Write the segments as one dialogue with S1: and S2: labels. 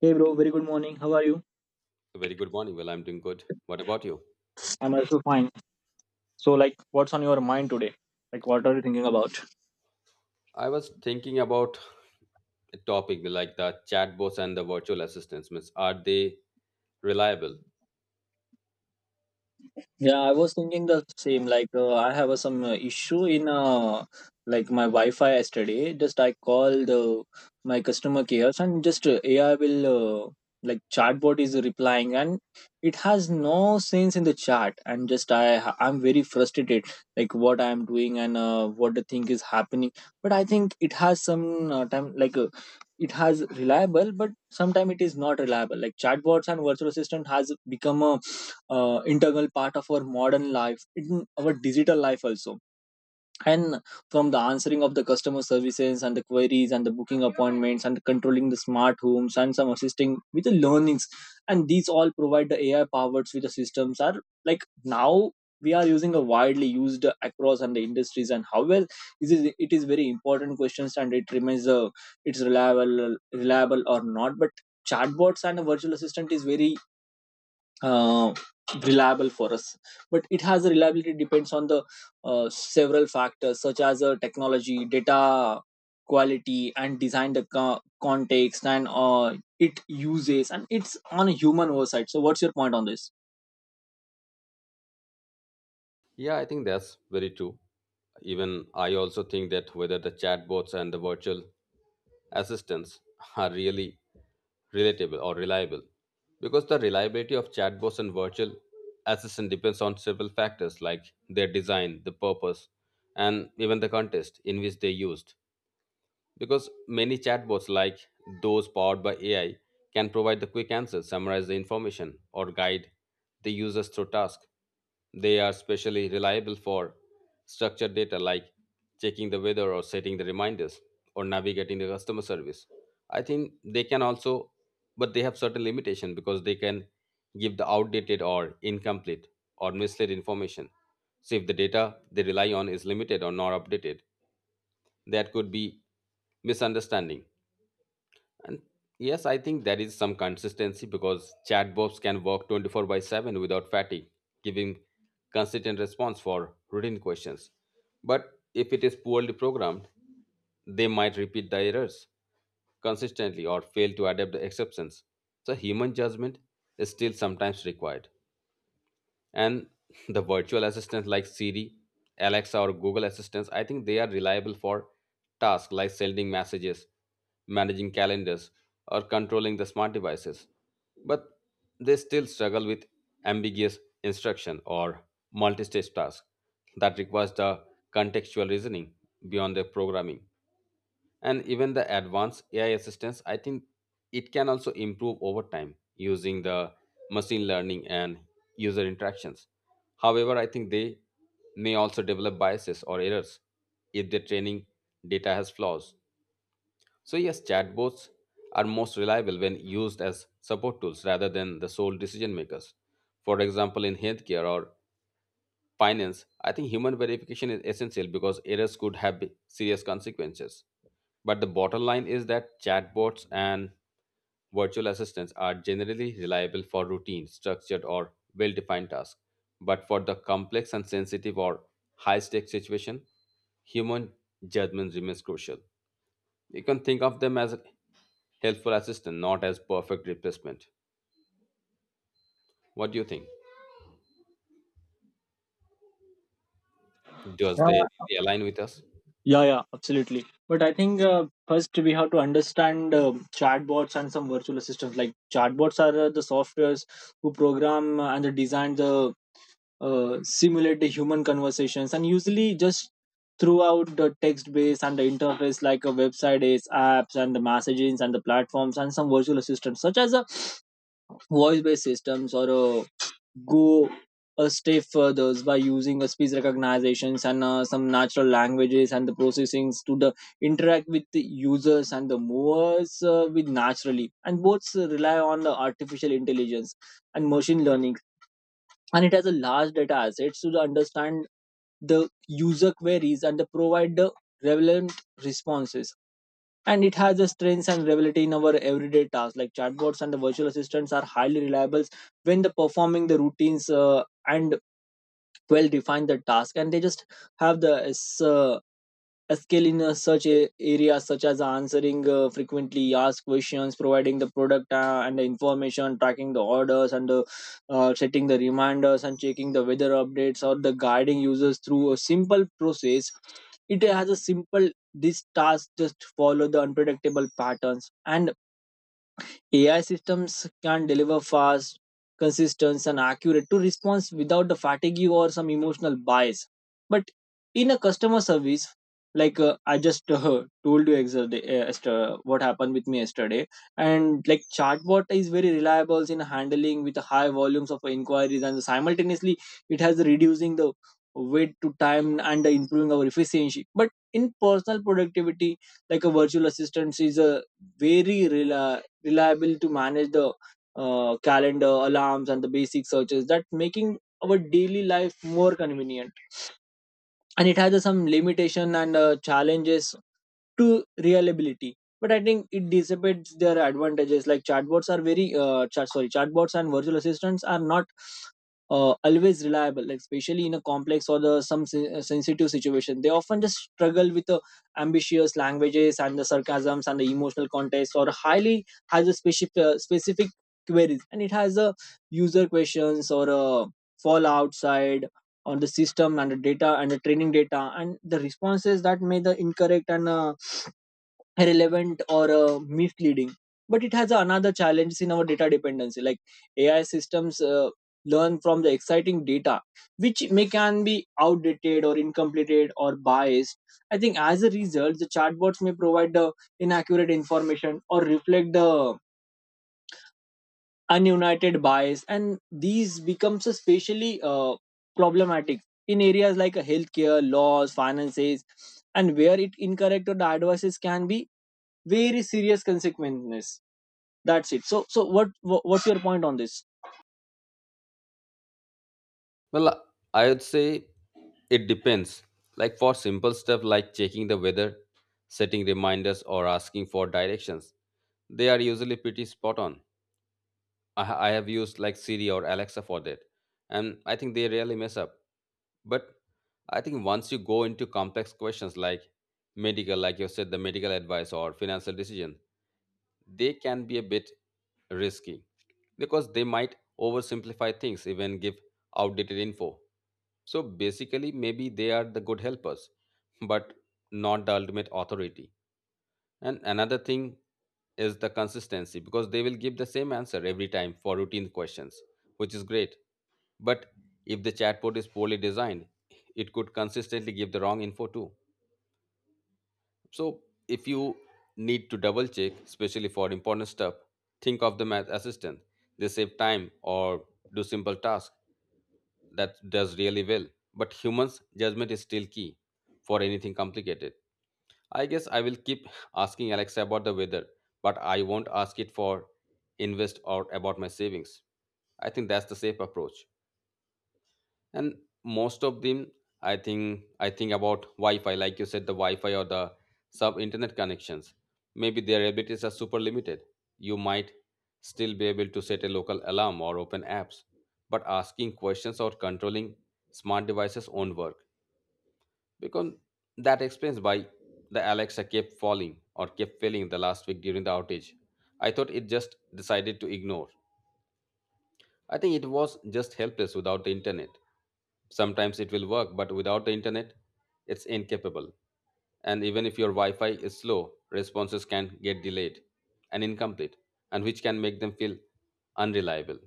S1: Hey bro, very good morning. How are you?
S2: Very good morning. Well, I'm doing good. What about you?
S1: I'm also fine. So, like, what's on your mind today? Like, what are you thinking about?
S2: I was thinking about a topic like the chatbots and the virtual assistants. Means, are they reliable?
S1: Yeah, I was thinking the same. Like, I have some issue in like my Wi-Fi yesterday. Just I called my customer care, and just AI will, like, chatbot is replying, and it has no sense in the chat. And just I'm very frustrated, like what I am doing and what the thing is happening. But I think it has some time like. It has reliable but sometimes it is not reliable, like chatbots and virtual assistant has become a integral part of our modern life, in our digital life also, and from the answering of the customer services and the queries and the booking appointments and controlling the smart homes and some assisting with the learnings, and these all provide the AI powers with the systems are like now we are using a widely used across and the industries. And how well is it, it is very important questions, and it remains, it's reliable or not. But chatbots and a virtual assistant is very uh, reliable for us, but it has a reliability depends on the several factors such as technology, data quality, and design, the context, and it uses, and it's on a human oversight. So what's your point on this?
S2: Yeah, I think that's very true. Even I also think that whether the chatbots and the virtual assistants are really relatable or reliable because the reliability of chatbots and virtual assistant depends on several factors like their design the purpose and even the context in which they used. Because many chatbots, like those powered by AI, can provide the quick answers, summarize the information, or guide the users through tasks. They are especially reliable for structured data like checking the weather or setting the reminders or navigating the customer service. I think they can also, but they have certain limitation because they can give the outdated or incomplete or misled information. So if the data they rely on is limited or not updated, that could be misunderstanding. And yes, I think there is some consistency because chatbots can work 24 by 7 without fatigue, giving consistent response for routine questions. But if it is poorly programmed, they might repeat the errors consistently or fail to adapt the exceptions. So human judgment is still sometimes required, and the virtual assistants like Siri, Alexa, or Google Assistants, I think they are reliable for tasks like sending messages, managing calendars, or controlling the smart devices. But they still struggle with ambiguous instruction or multi stage tasks that requires the contextual reasoning beyond their programming. And even the advanced ai assistance, I think it can also improve over time using the machine learning and user interactions. However, I think they may also develop biases or errors if their training data has flaws. So yes, chatbots are most reliable when used as support tools rather than the sole decision makers. For example, in healthcare or finance, I think human verification is essential because errors could have serious consequences. But the bottom line is that chatbots and virtual assistants are generally reliable for routine, structured, or well defined tasks. But for the complex and sensitive or high stakes situation, human judgment remains crucial. You can think of them as a helpful assistant, not as perfect replacement. What do you think? Does they
S1: Yeah.
S2: really align with us?
S1: Yeah, yeah, absolutely. But I think first we have to understand, chatbots and some virtual assistants. Like, chatbots are the softwares who program, and they design the simulate the human conversations, and usually just throughout the text base and the interface like a website is apps and the messagings and the platforms. And some virtual assistants such as a voice based systems or a go a step further by using a speech recognitions and some natural languages and the processings to the interact with the users and the movers with naturally, and both rely on the artificial intelligence and machine learning, and it has a large data assets to the understand the user queries and the provide the relevant responses. And it has a strength and reliability in our everyday tasks. Like, chatbots and the virtual assistants are highly reliable when the performing the routines, and well define the task. And they just have the uh, a skill in such a areas, such as answering frequently asked questions, providing the product and the information, tracking the orders, and setting the reminders and checking the weather updates, or the guiding users through a simple process. It has a simple this task just follow the unpredictable patterns, and AI systems can deliver fast, consistent, and accurate to response without the fatigue or some emotional bias. But in a customer service, like, I just, told you yesterday, what happened with me yesterday, and like chatbot is very reliable in handling with high volumes of inquiries, and simultaneously it has reducing the wait to time and improving our efficiency. But in personal productivity, like, a virtual assistant is a very reliable to manage the calendar, alarms, and the basic searches that making our daily life more convenient. And it has some limitation and challenges to reliability, but I think it dissipates their advantages. Like, chatbots are very, chatbots and virtual assistants are not always reliable, like especially in a complex or the some sensitive situation. They often just struggle with the ambitious languages and the sarcasms and the emotional context, or highly has a specific specific queries, and it has a user questions or a fall outside or the system and the data and the training data and the responses that may the incorrect and irrelevant or misleading. But it has another challenge in our data dependency. Like, AI systems learn from the exciting data which may can be outdated or incomplete or biased. I think as a result the chatbots may provide the inaccurate information or reflect the ununited bias, and these becomes especially problematic in areas like, healthcare, laws, finances, and where it incorrect or the advices can be very serious consequences. That's it. So, what's your point on this?
S2: Well, I would say it depends. Like for simple stuff like checking the weather, setting reminders, or asking for directions, they are usually pretty spot on. I have used like Siri or Alexa for that, and I think they rarely mess up. But I think once you go into complex questions like medical, like you said, the medical advice or financial decision, they can be a bit risky because they might oversimplify things, even give outdated info. So basically, maybe they are the good helpers, but not the ultimate authority. And another thing is the consistency because they will give the same answer every time for routine questions, which is great. But if the chatbot is poorly designed, it could consistently give the wrong info too. So if you need to double check, especially for important stuff, think of the math assistant. They save time or do simple tasks that does really well. But humans' judgment is still key for anything complicated. I guess I will keep asking Alexa about the weather, but I won't ask it for invest or about my savings. I think that's the safe approach. And most of them, I think about Wi-Fi, like you said, the Wi-Fi or the sub-internet connections. Maybe their abilities are super limited. You might still be able to set a local alarm or open apps, but asking questions or controlling smart devices won't work because that explains why the Alexa kept falling or kept failing the last week during the outage. I thought it just decided to ignore. I think it was just helpless without the internet. Sometimes it will work, but without the internet, it's incapable. And even if your Wi Fi is slow, responses can get delayed and incomplete, and which can make them feel unreliable.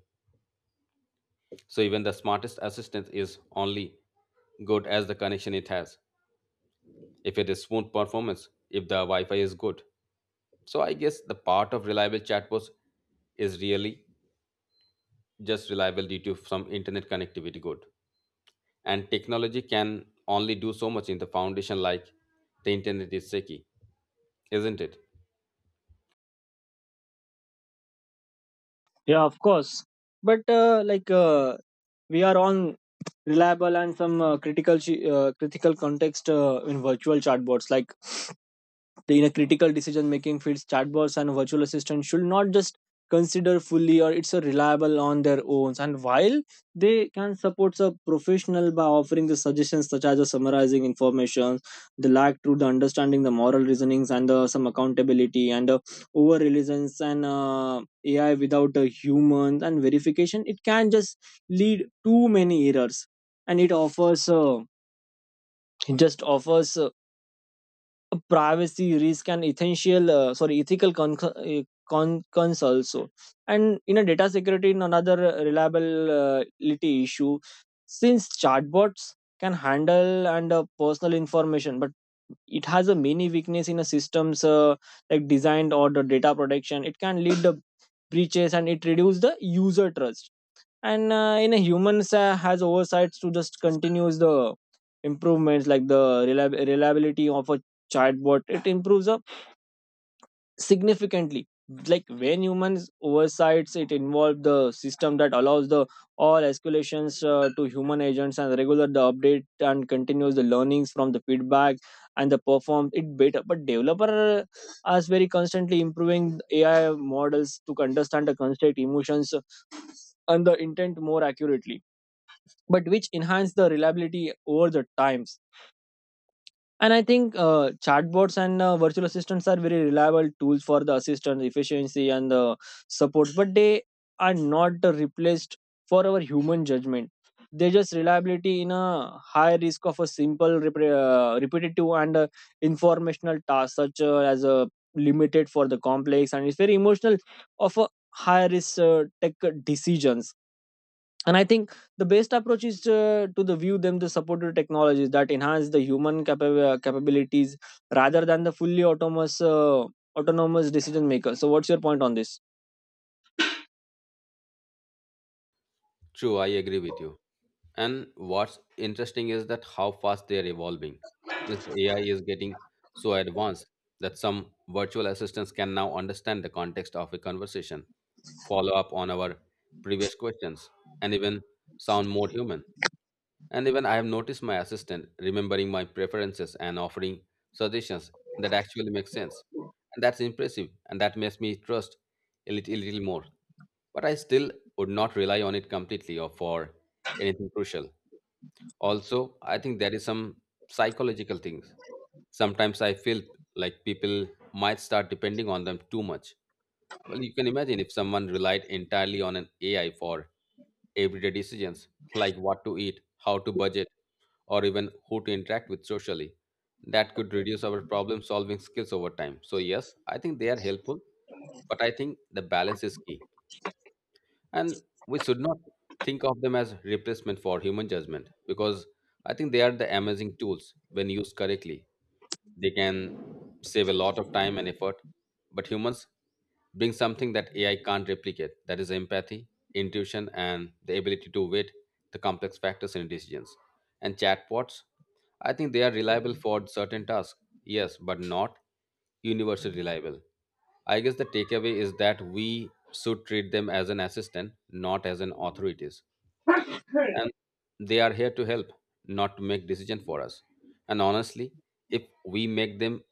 S2: So, even the smartest assistant is only good as the connection it has. If it is smooth performance, if the Wi-Fi is good. So I guess the part of reliable chatbots is really just reliable due to some internet connectivity good. And technology can only do so much in the foundation like the internet is shaky, isn't it?
S1: Yeah, of course. But, we are on reliable and some critical, critical context in virtual chatbots. Like the- in a critical decision making fields, chatbots and virtual assistants should not just consider fully or it's a reliable on their own. And while they can support a professional by offering the suggestions such as the summarizing information, the lack through the understanding the moral reasonings and the, some accountability, and over reliance and AI without a human and verification, it can just lead too many errors. And it offers, it just offers, privacy risk and essential, sorry ethical concerns also. And in a data security, in another reliability issue, since chatbots can handle and personal information, but it has a many weakness in a systems, like designed or the data protection, it can lead the breaches and it reduce the user trust. And in a humans has oversights to just continues the improvements. Like, the reliability of a chatbot it improves up significantly, like when humans oversights it involve the system that allows the all escalations to human agents, and regular the update and continues the learnings from the feedback and the perform it better. But developer are very constantly improving AI models to understand the constraint emotions and the intent more accurately, but which enhance the reliability over the times. And I think chatbots and virtual assistants are very reliable tools for the assistance efficiency and the support, but they are not replaced for our human judgment. They just reliability in a high risk of a simple, repetitive, and informational task, such, as a limited for the complex, and it's very emotional of a high risk tech decisions. And I think the best approach is to the view them the supported technologies that enhance the human capabilities, rather than the fully autonomous, autonomous decision maker. So what's your point on this?
S2: True, I agree with you. And what's interesting is that how fast they are evolving. Means the AI is getting so advanced that some virtual assistants can now understand the context of a conversation, follow up on our previous questions, and even sound more human. And even I have noticed my assistant remembering my preferences and offering suggestions that actually make sense. And that's impressive, and that makes me trust a little more. But I still would not rely on it completely or for anything crucial. Also, I think there is some psychological things. Sometimes I feel like people might start depending on them too much. Well, you can imagine if someone relied entirely on an AI for everyday decisions like what to eat, how to budget, or even who to interact with socially. That could reduce our problem solving skills over time. So, yes, I think they are helpful, but I think the balance is key. And we should not think of them as replacement for human judgment because I think they are the amazing tools when used correctly. They can save a lot of time and effort, but humans bring something that AI can't replicate, that is empathy, intuition, and the ability to weigh the complex factors in decisions. And chatbots, I think they are reliable for certain tasks, yes, but not universally reliable. I guess the takeaway is that we should treat them as an assistant, not as an authorities. And they are here to help, not to make decision for us. And honestly, if we make them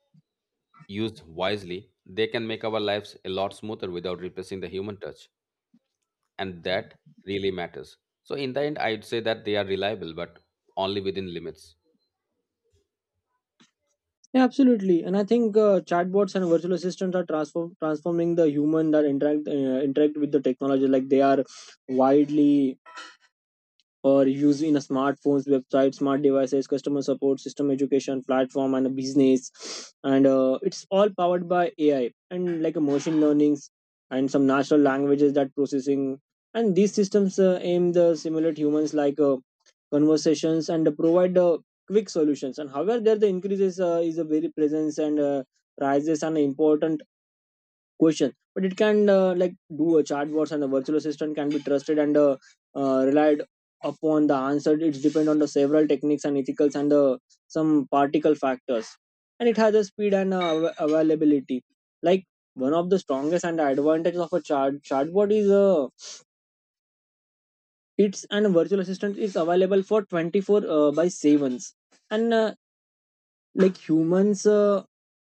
S2: used wisely, they can make our lives a lot smoother without replacing the human touch. And that really matters. So, in the end, I'd say that they are reliable, but only within limits.
S1: Yeah, absolutely. And I think chatbots and virtual assistants are transforming the human that interact, interact with the technology. Like, they are widely or used in a smartphones, website, smart devices, customer support system, education platform, and a business. And it's all powered by AI and like a machine learnings and some natural languages that processing. And these systems aim to simulate humans like conversations and provide quick solutions. And however, there the increases is a very presence and rises an important question, but it can, like, do a chatbots and a virtual assistant can be trusted and relied upon. The answer it's depend on the several techniques and ethicals and some particle factors. And it has a speed and, availability, like one of the strongest and advantages of a chatbot is, it's and virtual assistant is available for 24 by sevens, and like humans,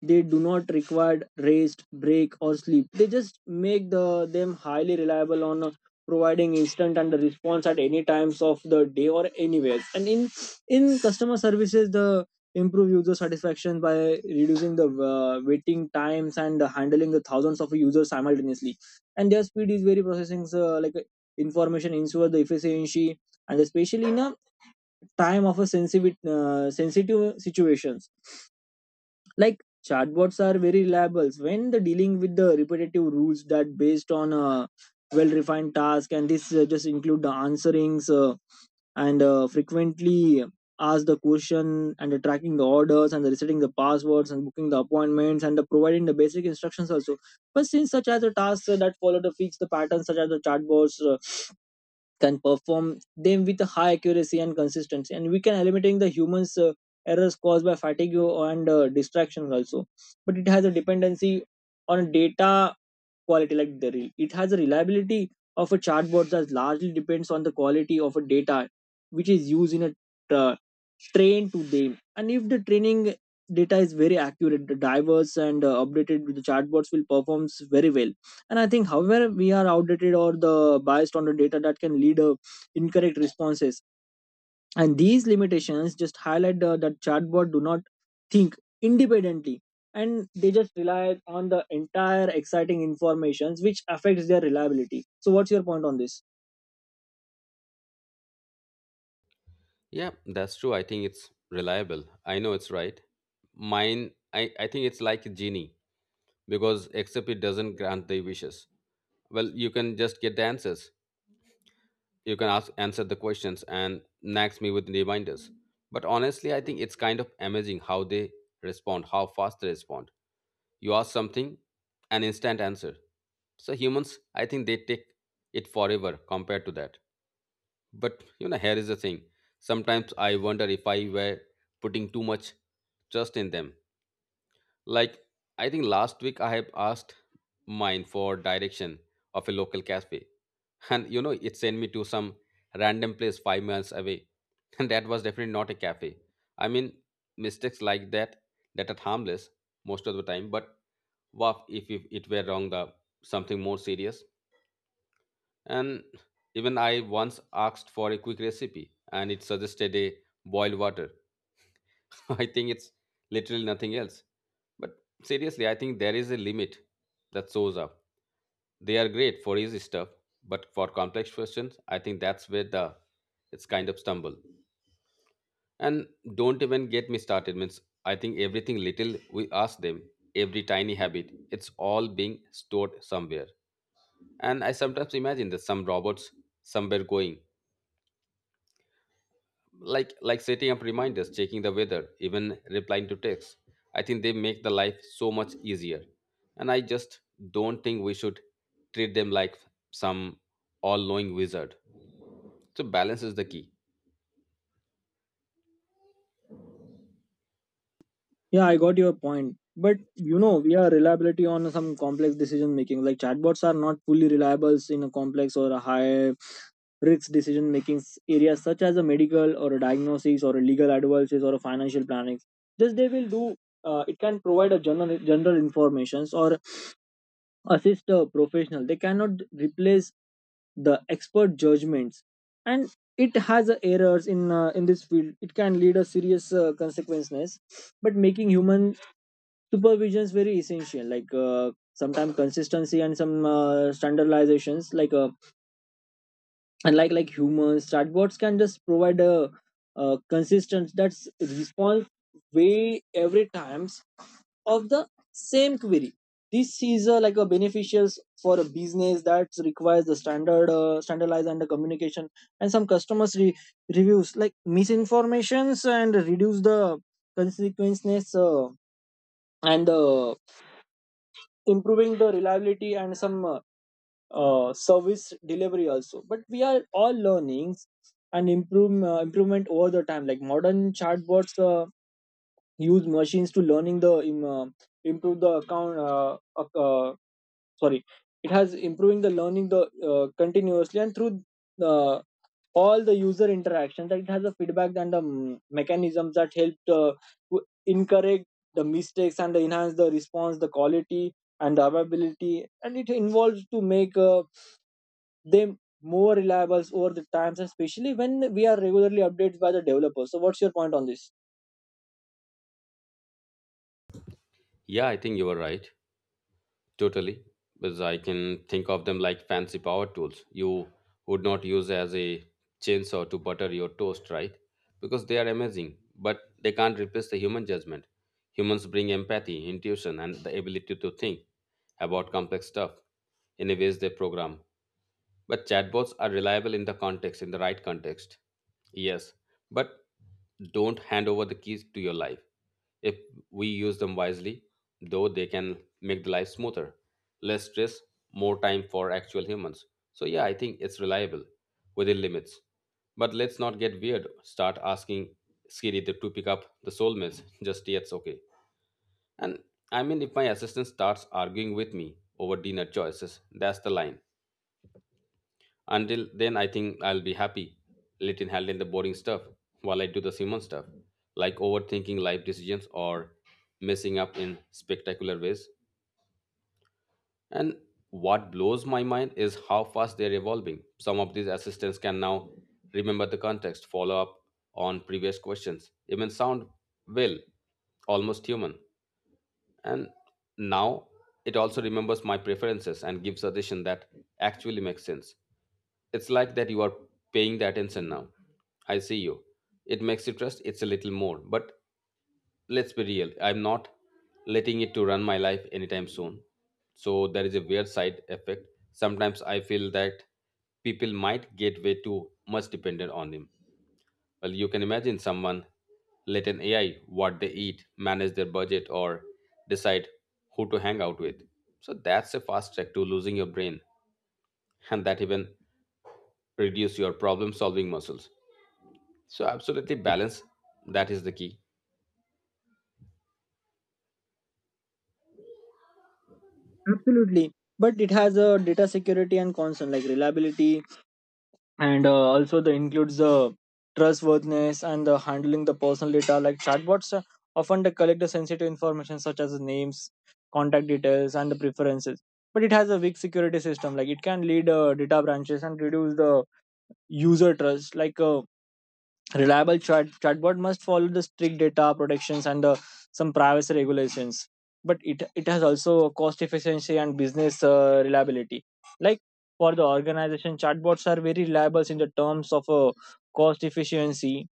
S1: they do not require rest break or sleep. They just make the them highly reliable on providing instant and response at any times of the day or anywhere. And in customer services the improve user satisfaction by reducing the waiting times and handling the thousands of users simultaneously. And their speed is very processing, information ensure the efficiency, and especially in a time of a sensitive, sensitive situations. Like, chatbots are very reliable when the dealing with the repetitive rules that based on a well refined task. And this just include the answerings and frequently ask the question and the tracking the orders and the resetting the passwords and booking the appointments and the providing the basic instructions also. But since such as the tasks that follow the fix the patterns, such as the chatbots can perform them with high accuracy and consistency, and we can eliminating the humans errors caused by fatigue and distractions also. But it has a dependency on data quality. Like, the it has a reliability of a chatbot that largely depends on the quality of a data which is used in a uh, train to them. And if the training data is very accurate, the diverse and updated, the chatbots will performs very well. And I think however we are outdated or the biased on the data that can lead incorrect responses. And these limitations just highlight that chatbot do Not think independently, and they just rely on the entire exciting informations which affects their reliability. So what's your point on this?
S2: Yeah, that's true. I think it's reliable. I know it's right. Mine, I think it's like a genie because except it doesn't grant the wishes. Well, you can just get the answers. You can ask, answer the questions and nags me with reminders. But honestly, I think it's kind of amazing how they respond, how fast they respond. You ask something, an instant answer. So humans, I think they take it forever compared to that. But you know, here is the thing. Sometimes I wonder if I were putting too much trust in them. Like I think last week I have asked mine for direction of a local cafe. And you know, it sent me to some random place 5 miles away. And that was definitely not a cafe. I mean, mistakes like that that are harmless most of the time, but what if it were wrong, the something more serious? And even I once asked for a quick recipe, and it suggested a boiled water. I think it's literally nothing else. But seriously, I think there is a limit that shows up. They are great for easy stuff, but for complex questions, I think that's where the it's kind of stumble. And don't even get me started. Means I think everything little we ask them, every tiny habit, it's all being stored somewhere. And I sometimes imagine that some robots somewhere going, like setting up reminders, checking the weather, even replying to texts. I think they make the life so much easier. And I just don't think we should treat them like some all-knowing wizard. So balance is the key.
S1: Yeah, I got your point. But you know, we are reliability on some complex decision making. Like chatbots are not fully reliable in a complex or a high risk decision making areas such as a medical or a diagnosis or a legal advices or a financial planning. Just they will do. It can provide a general informations or assist a professional. They cannot replace the expert judgments, and it has errors in this field. It can lead a serious consequences, but making human supervision is very essential. Like sometimes consistency and some standardizations, like and like like humans, chatbots can just provide a consistent that's response way every times of the same query. This is a, like a beneficial for a business that requires the standard standardized and the communication, and some customers reviews like misinformations and reduce the consequences and improving the reliability and some service delivery also. But we are all learning and improvement over the time. Like modern chatbots use machines to learning the improve the account ac- sorry It has improving the learning the continuously and through uh, all the user interactions, that it has a feedback and the mechanisms that helped to encourage the mistakes and enhance the response the quality and the availability, and it involves to make them more reliable over the times, especially when we are regularly updated by the developers. So what's your point on this?
S2: Yeah, I think you are right. Totally, because I can think of them like fancy power tools. You would not use as a chainsaw to butter your toast, right? Because they are amazing, but they can't replace the human judgment. Humans bring empathy, intuition, and the ability to think about complex stuff in a ways they program. But chatbots are reliable in the context, in the right context. Yes, but don't hand over the keys to your life. If we use them wisely, though they can make the life smoother, less stress, more time for actual humans. So yeah, I think it's reliable within limits. But let's not get weird. Start asking Siri to pick up the soulmates just yet's okay. And I mean, if my assistant starts arguing with me over dinner choices, that's the line. Until then, I think I'll be happy. Let it handle the boring stuff while I do the Simon stuff, like overthinking life decisions or messing up in spectacular ways. And what blows my mind is how fast they're evolving. Some of these assistants can now remember the context, follow up on previous questions, even sound, well, almost human. And now it also remembers my preferences and gives suggestions that actually make sense. It's like that you are paying the attention now. I see you. It makes you trust it's a little more. But let's be real. I'm not letting it to run my life anytime soon. So there is a weird side effect. Sometimes I feel that people might get way too much dependent on him. Well, you can imagine someone let an AI what they eat, manage their budget, or decide who to hang out with. So that's a fast track to losing your brain, and that even reduce your problem solving muscles. So, absolutely, balance. That is the key.
S1: Absolutely. But it has a data security and concern like reliability, and also the includes the trustworthiness and the handling the personal data. Like chatbots often they collect the sensitive information such as the names, contact details, and the preferences. But it has a weak security system. Like it can lead data branches and reduce the user trust. Like reliable chatbot must follow the strict data protections and some privacy regulations. But it has also cost efficiency and business reliability. Like for the organization, chatbots are very reliable in the terms of cost efficiency,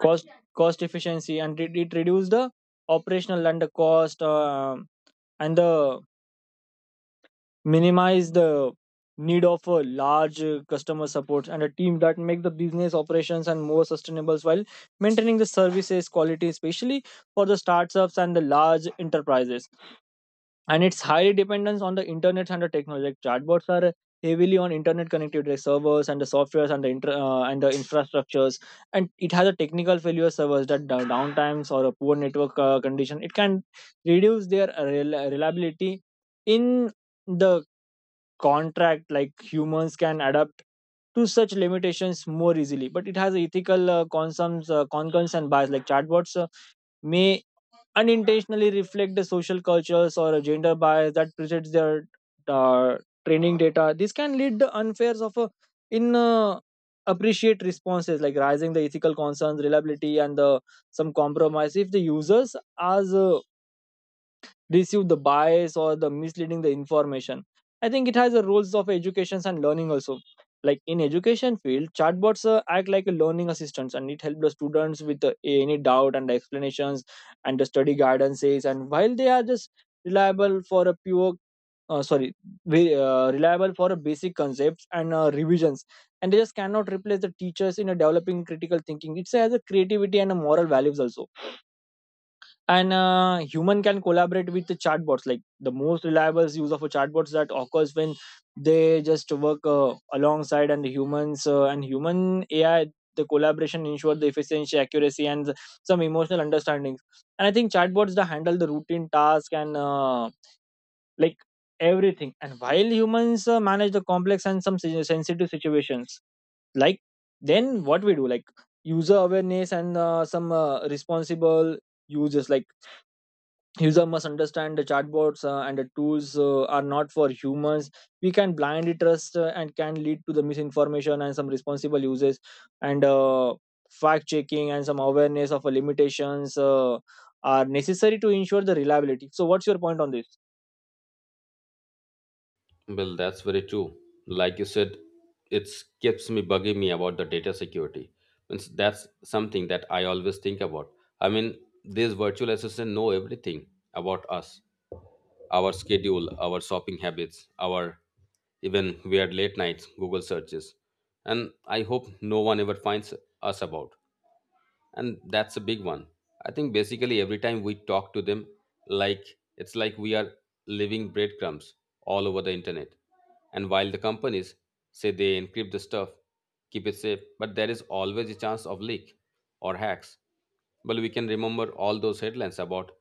S1: cost cost efficiency, and it reduces the operational and the cost and the minimize the need of a large customer support and a team, that make the business operations and more sustainable while maintaining the services quality, especially for the startups and the large enterprises. And it's highly dependent on the internet and the technology. Like chatbots are heavily on internet connectivity like servers and the softwares and the infrastructures, and it has a technical failure servers that downtimes or a poor network condition. It can reduce their reliability in the contract. Like humans can adapt to such limitations more easily. But it has ethical concerns and bias. Like chatbots may unintentionally reflect the social cultures or gender bias that presents their uh, training data. This can lead to unfairs of in appreciate responses, like rising the ethical concerns reliability and the some compromise if the users as receive the bias or the misleading the information. I think it has the roles of educations and learning also. Like in education field, chatbots act like a learning assistants, and it helps the students with any doubt and explanations and the study guidances. And while they are just reliable for a uh, sorry reliable for a basic concepts and revisions, and they just cannot replace the teachers in a developing critical thinking. It has a creativity and a moral values also. And human can collaborate with the chatbots. Like the most reliable use of a chatbots that occurs when they just work alongside and the humans and human AI, the collaboration ensure the efficiency accuracy and some emotional understandings. And I think chatbots that handle the routine task and like everything, and while humans manage the complex and some sensitive situations. Like then what we do? Like user awareness and some responsible users. Like user must understand the chatbots and the tools are not for humans. We can blindly trust and can lead to the misinformation and some responsible uses, and fact checking and some awareness of limitations are necessary to ensure the reliability. So what's your point on this?
S2: Well, that's very true. Like you said, it keeps me bugging me about the data security. Means that's something that I always think about. I mean, these virtual assistants know everything about us, our schedule, our shopping habits, our even weird late nights Google searches. And I hope no one ever finds us about. And that's a big one. I think basically every time we talk to them, like, it's like we are leaving breadcrumbs all over the internet. And while the companies say they encrypt the stuff, keep it safe, but there is always a chance of leak or hacks. Well, we can remember all those headlines about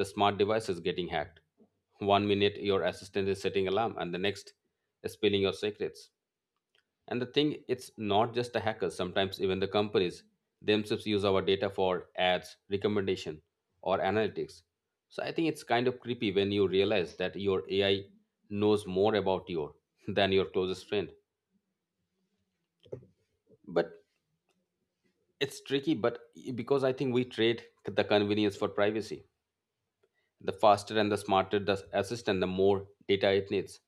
S2: the smart devices getting hacked. One minute your assistant is setting alarm and the next is spilling your secrets. And the thing, it's not just the hackers. Sometimes even the companies themselves use our data for ads, recommendation, or analytics. So I think it's kind of creepy when you realize that your AI knows more about you than your closest friend. But it's tricky, but because I think we trade the convenience for privacy. The faster and the smarter the assistant, the more data it needs.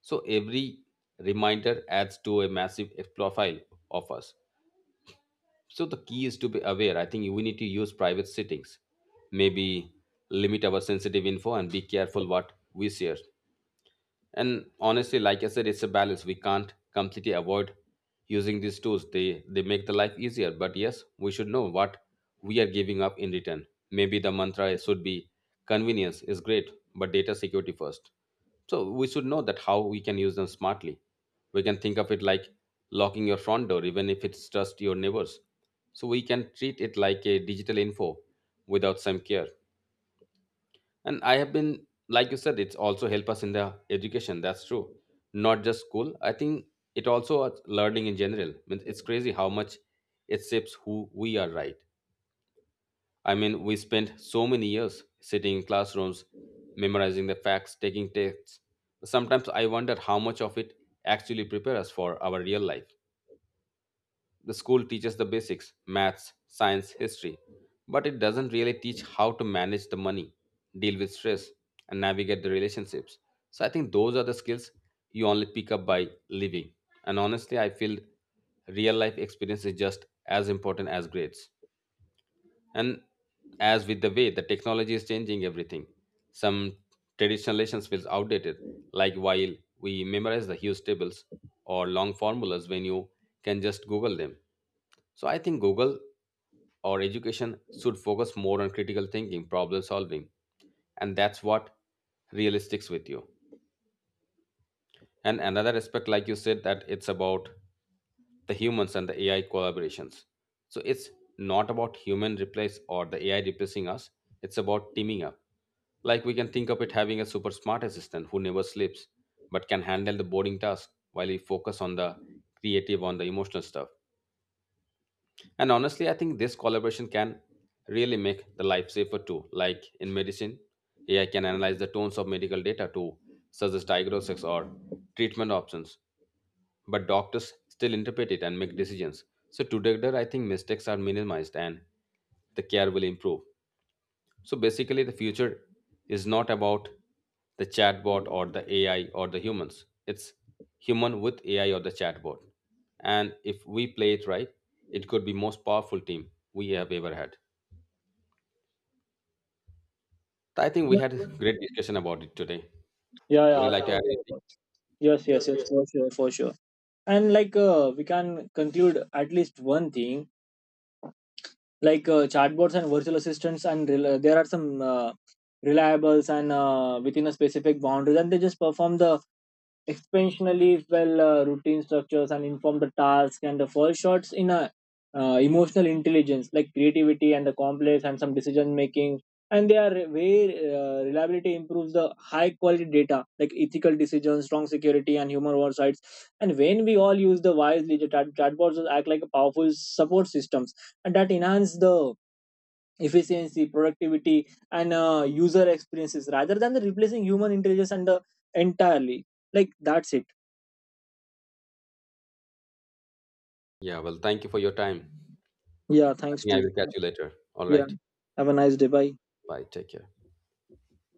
S2: So every reminder adds to a massive profile of us. So the key is to be aware. I think we need to use private settings. Maybe limit our sensitive info and be careful what we share. And honestly, like I said, it's a balance. We can't completely avoid using these tools. They make the life easier, but yes, we should know what we are giving up in return. Maybe the mantra should be convenience is great, but data security first. So we should know that how we can use them smartly. We can think of it like locking your front door, even if it's just your neighbors. So we can treat it like a digital info without some care. And I have been, like you said, it's also help us in the education, that's true. Not just school, I think it also at learning in general. Means it's crazy how much it shapes who we are, right? I mean, we spent so many years sitting in classrooms memorizing the facts, taking tests. Sometimes I wonder how much of it actually prepare us for our real life. The school teaches the basics, maths, science, history, but it doesn't really teach how to manage the money, deal with stress, and navigate the relationships. So I think those are the skills you only pick up by living. And honestly, I feel real life experience is just as important as grades. And as with the way the technology is changing everything, some traditional lessons feels outdated. Like while we memorize the huge tables or long formulas when you can just Google them. So I think Google or education should focus more on critical thinking, problem solving, and that's what really sticks with you. And another aspect, like you said, that it's about the humans and the AI collaborations. So it's not about human replace or the AI replacing us. It's about teaming up. Like we can think of it having a super smart assistant who never sleeps but can handle the boring task while we focus on the creative, on the emotional stuff. And honestly, I think this collaboration can really make the life safer too. Like in medicine, AI can analyze the tones of medical data to suggest diagnostics or treatment options, but doctors still interpret it and make decisions. So together, I think mistakes are minimized and the care will improve. So basically, the future is not about the chatbot or the AI or the humans. It's human with AI or the chatbot. And if we play it right, it could be most powerful team we have ever had. So I think we
S1: Yeah,
S2: had a great discussion about it today.
S1: yeah, yeah,
S2: Would you, yeah,
S1: of
S2: like to, yeah,
S1: course,
S2: add
S1: of
S2: anything?
S1: course. Yes, yes,
S2: Yes,
S1: yes,
S2: yes.
S1: for sure, for sure. And like we can conclude at least one thing. Like chatbots and virtual assistants and there are some reliables and within a specific boundaries, and they just perform the expansionally well routine structures and inform the task and the fall shots in a emotional intelligence like creativity and the complex and some decision making. And they are where reliability improves the high quality data like ethical decisions, strong security, and human oversights. And when we all use the wisely, the chatbots act like a powerful support systems, and that enhance the efficiency, productivity, and user experiences rather than the replacing human intelligence and the entirely. Like that's it.
S2: Yeah, well, thank you for your time.
S1: Yeah,
S2: I
S1: thanks
S2: think I
S1: to
S2: will catch you later. All
S1: yeah.
S2: right.
S1: Have a nice day. Bye.
S2: Bye. Take care.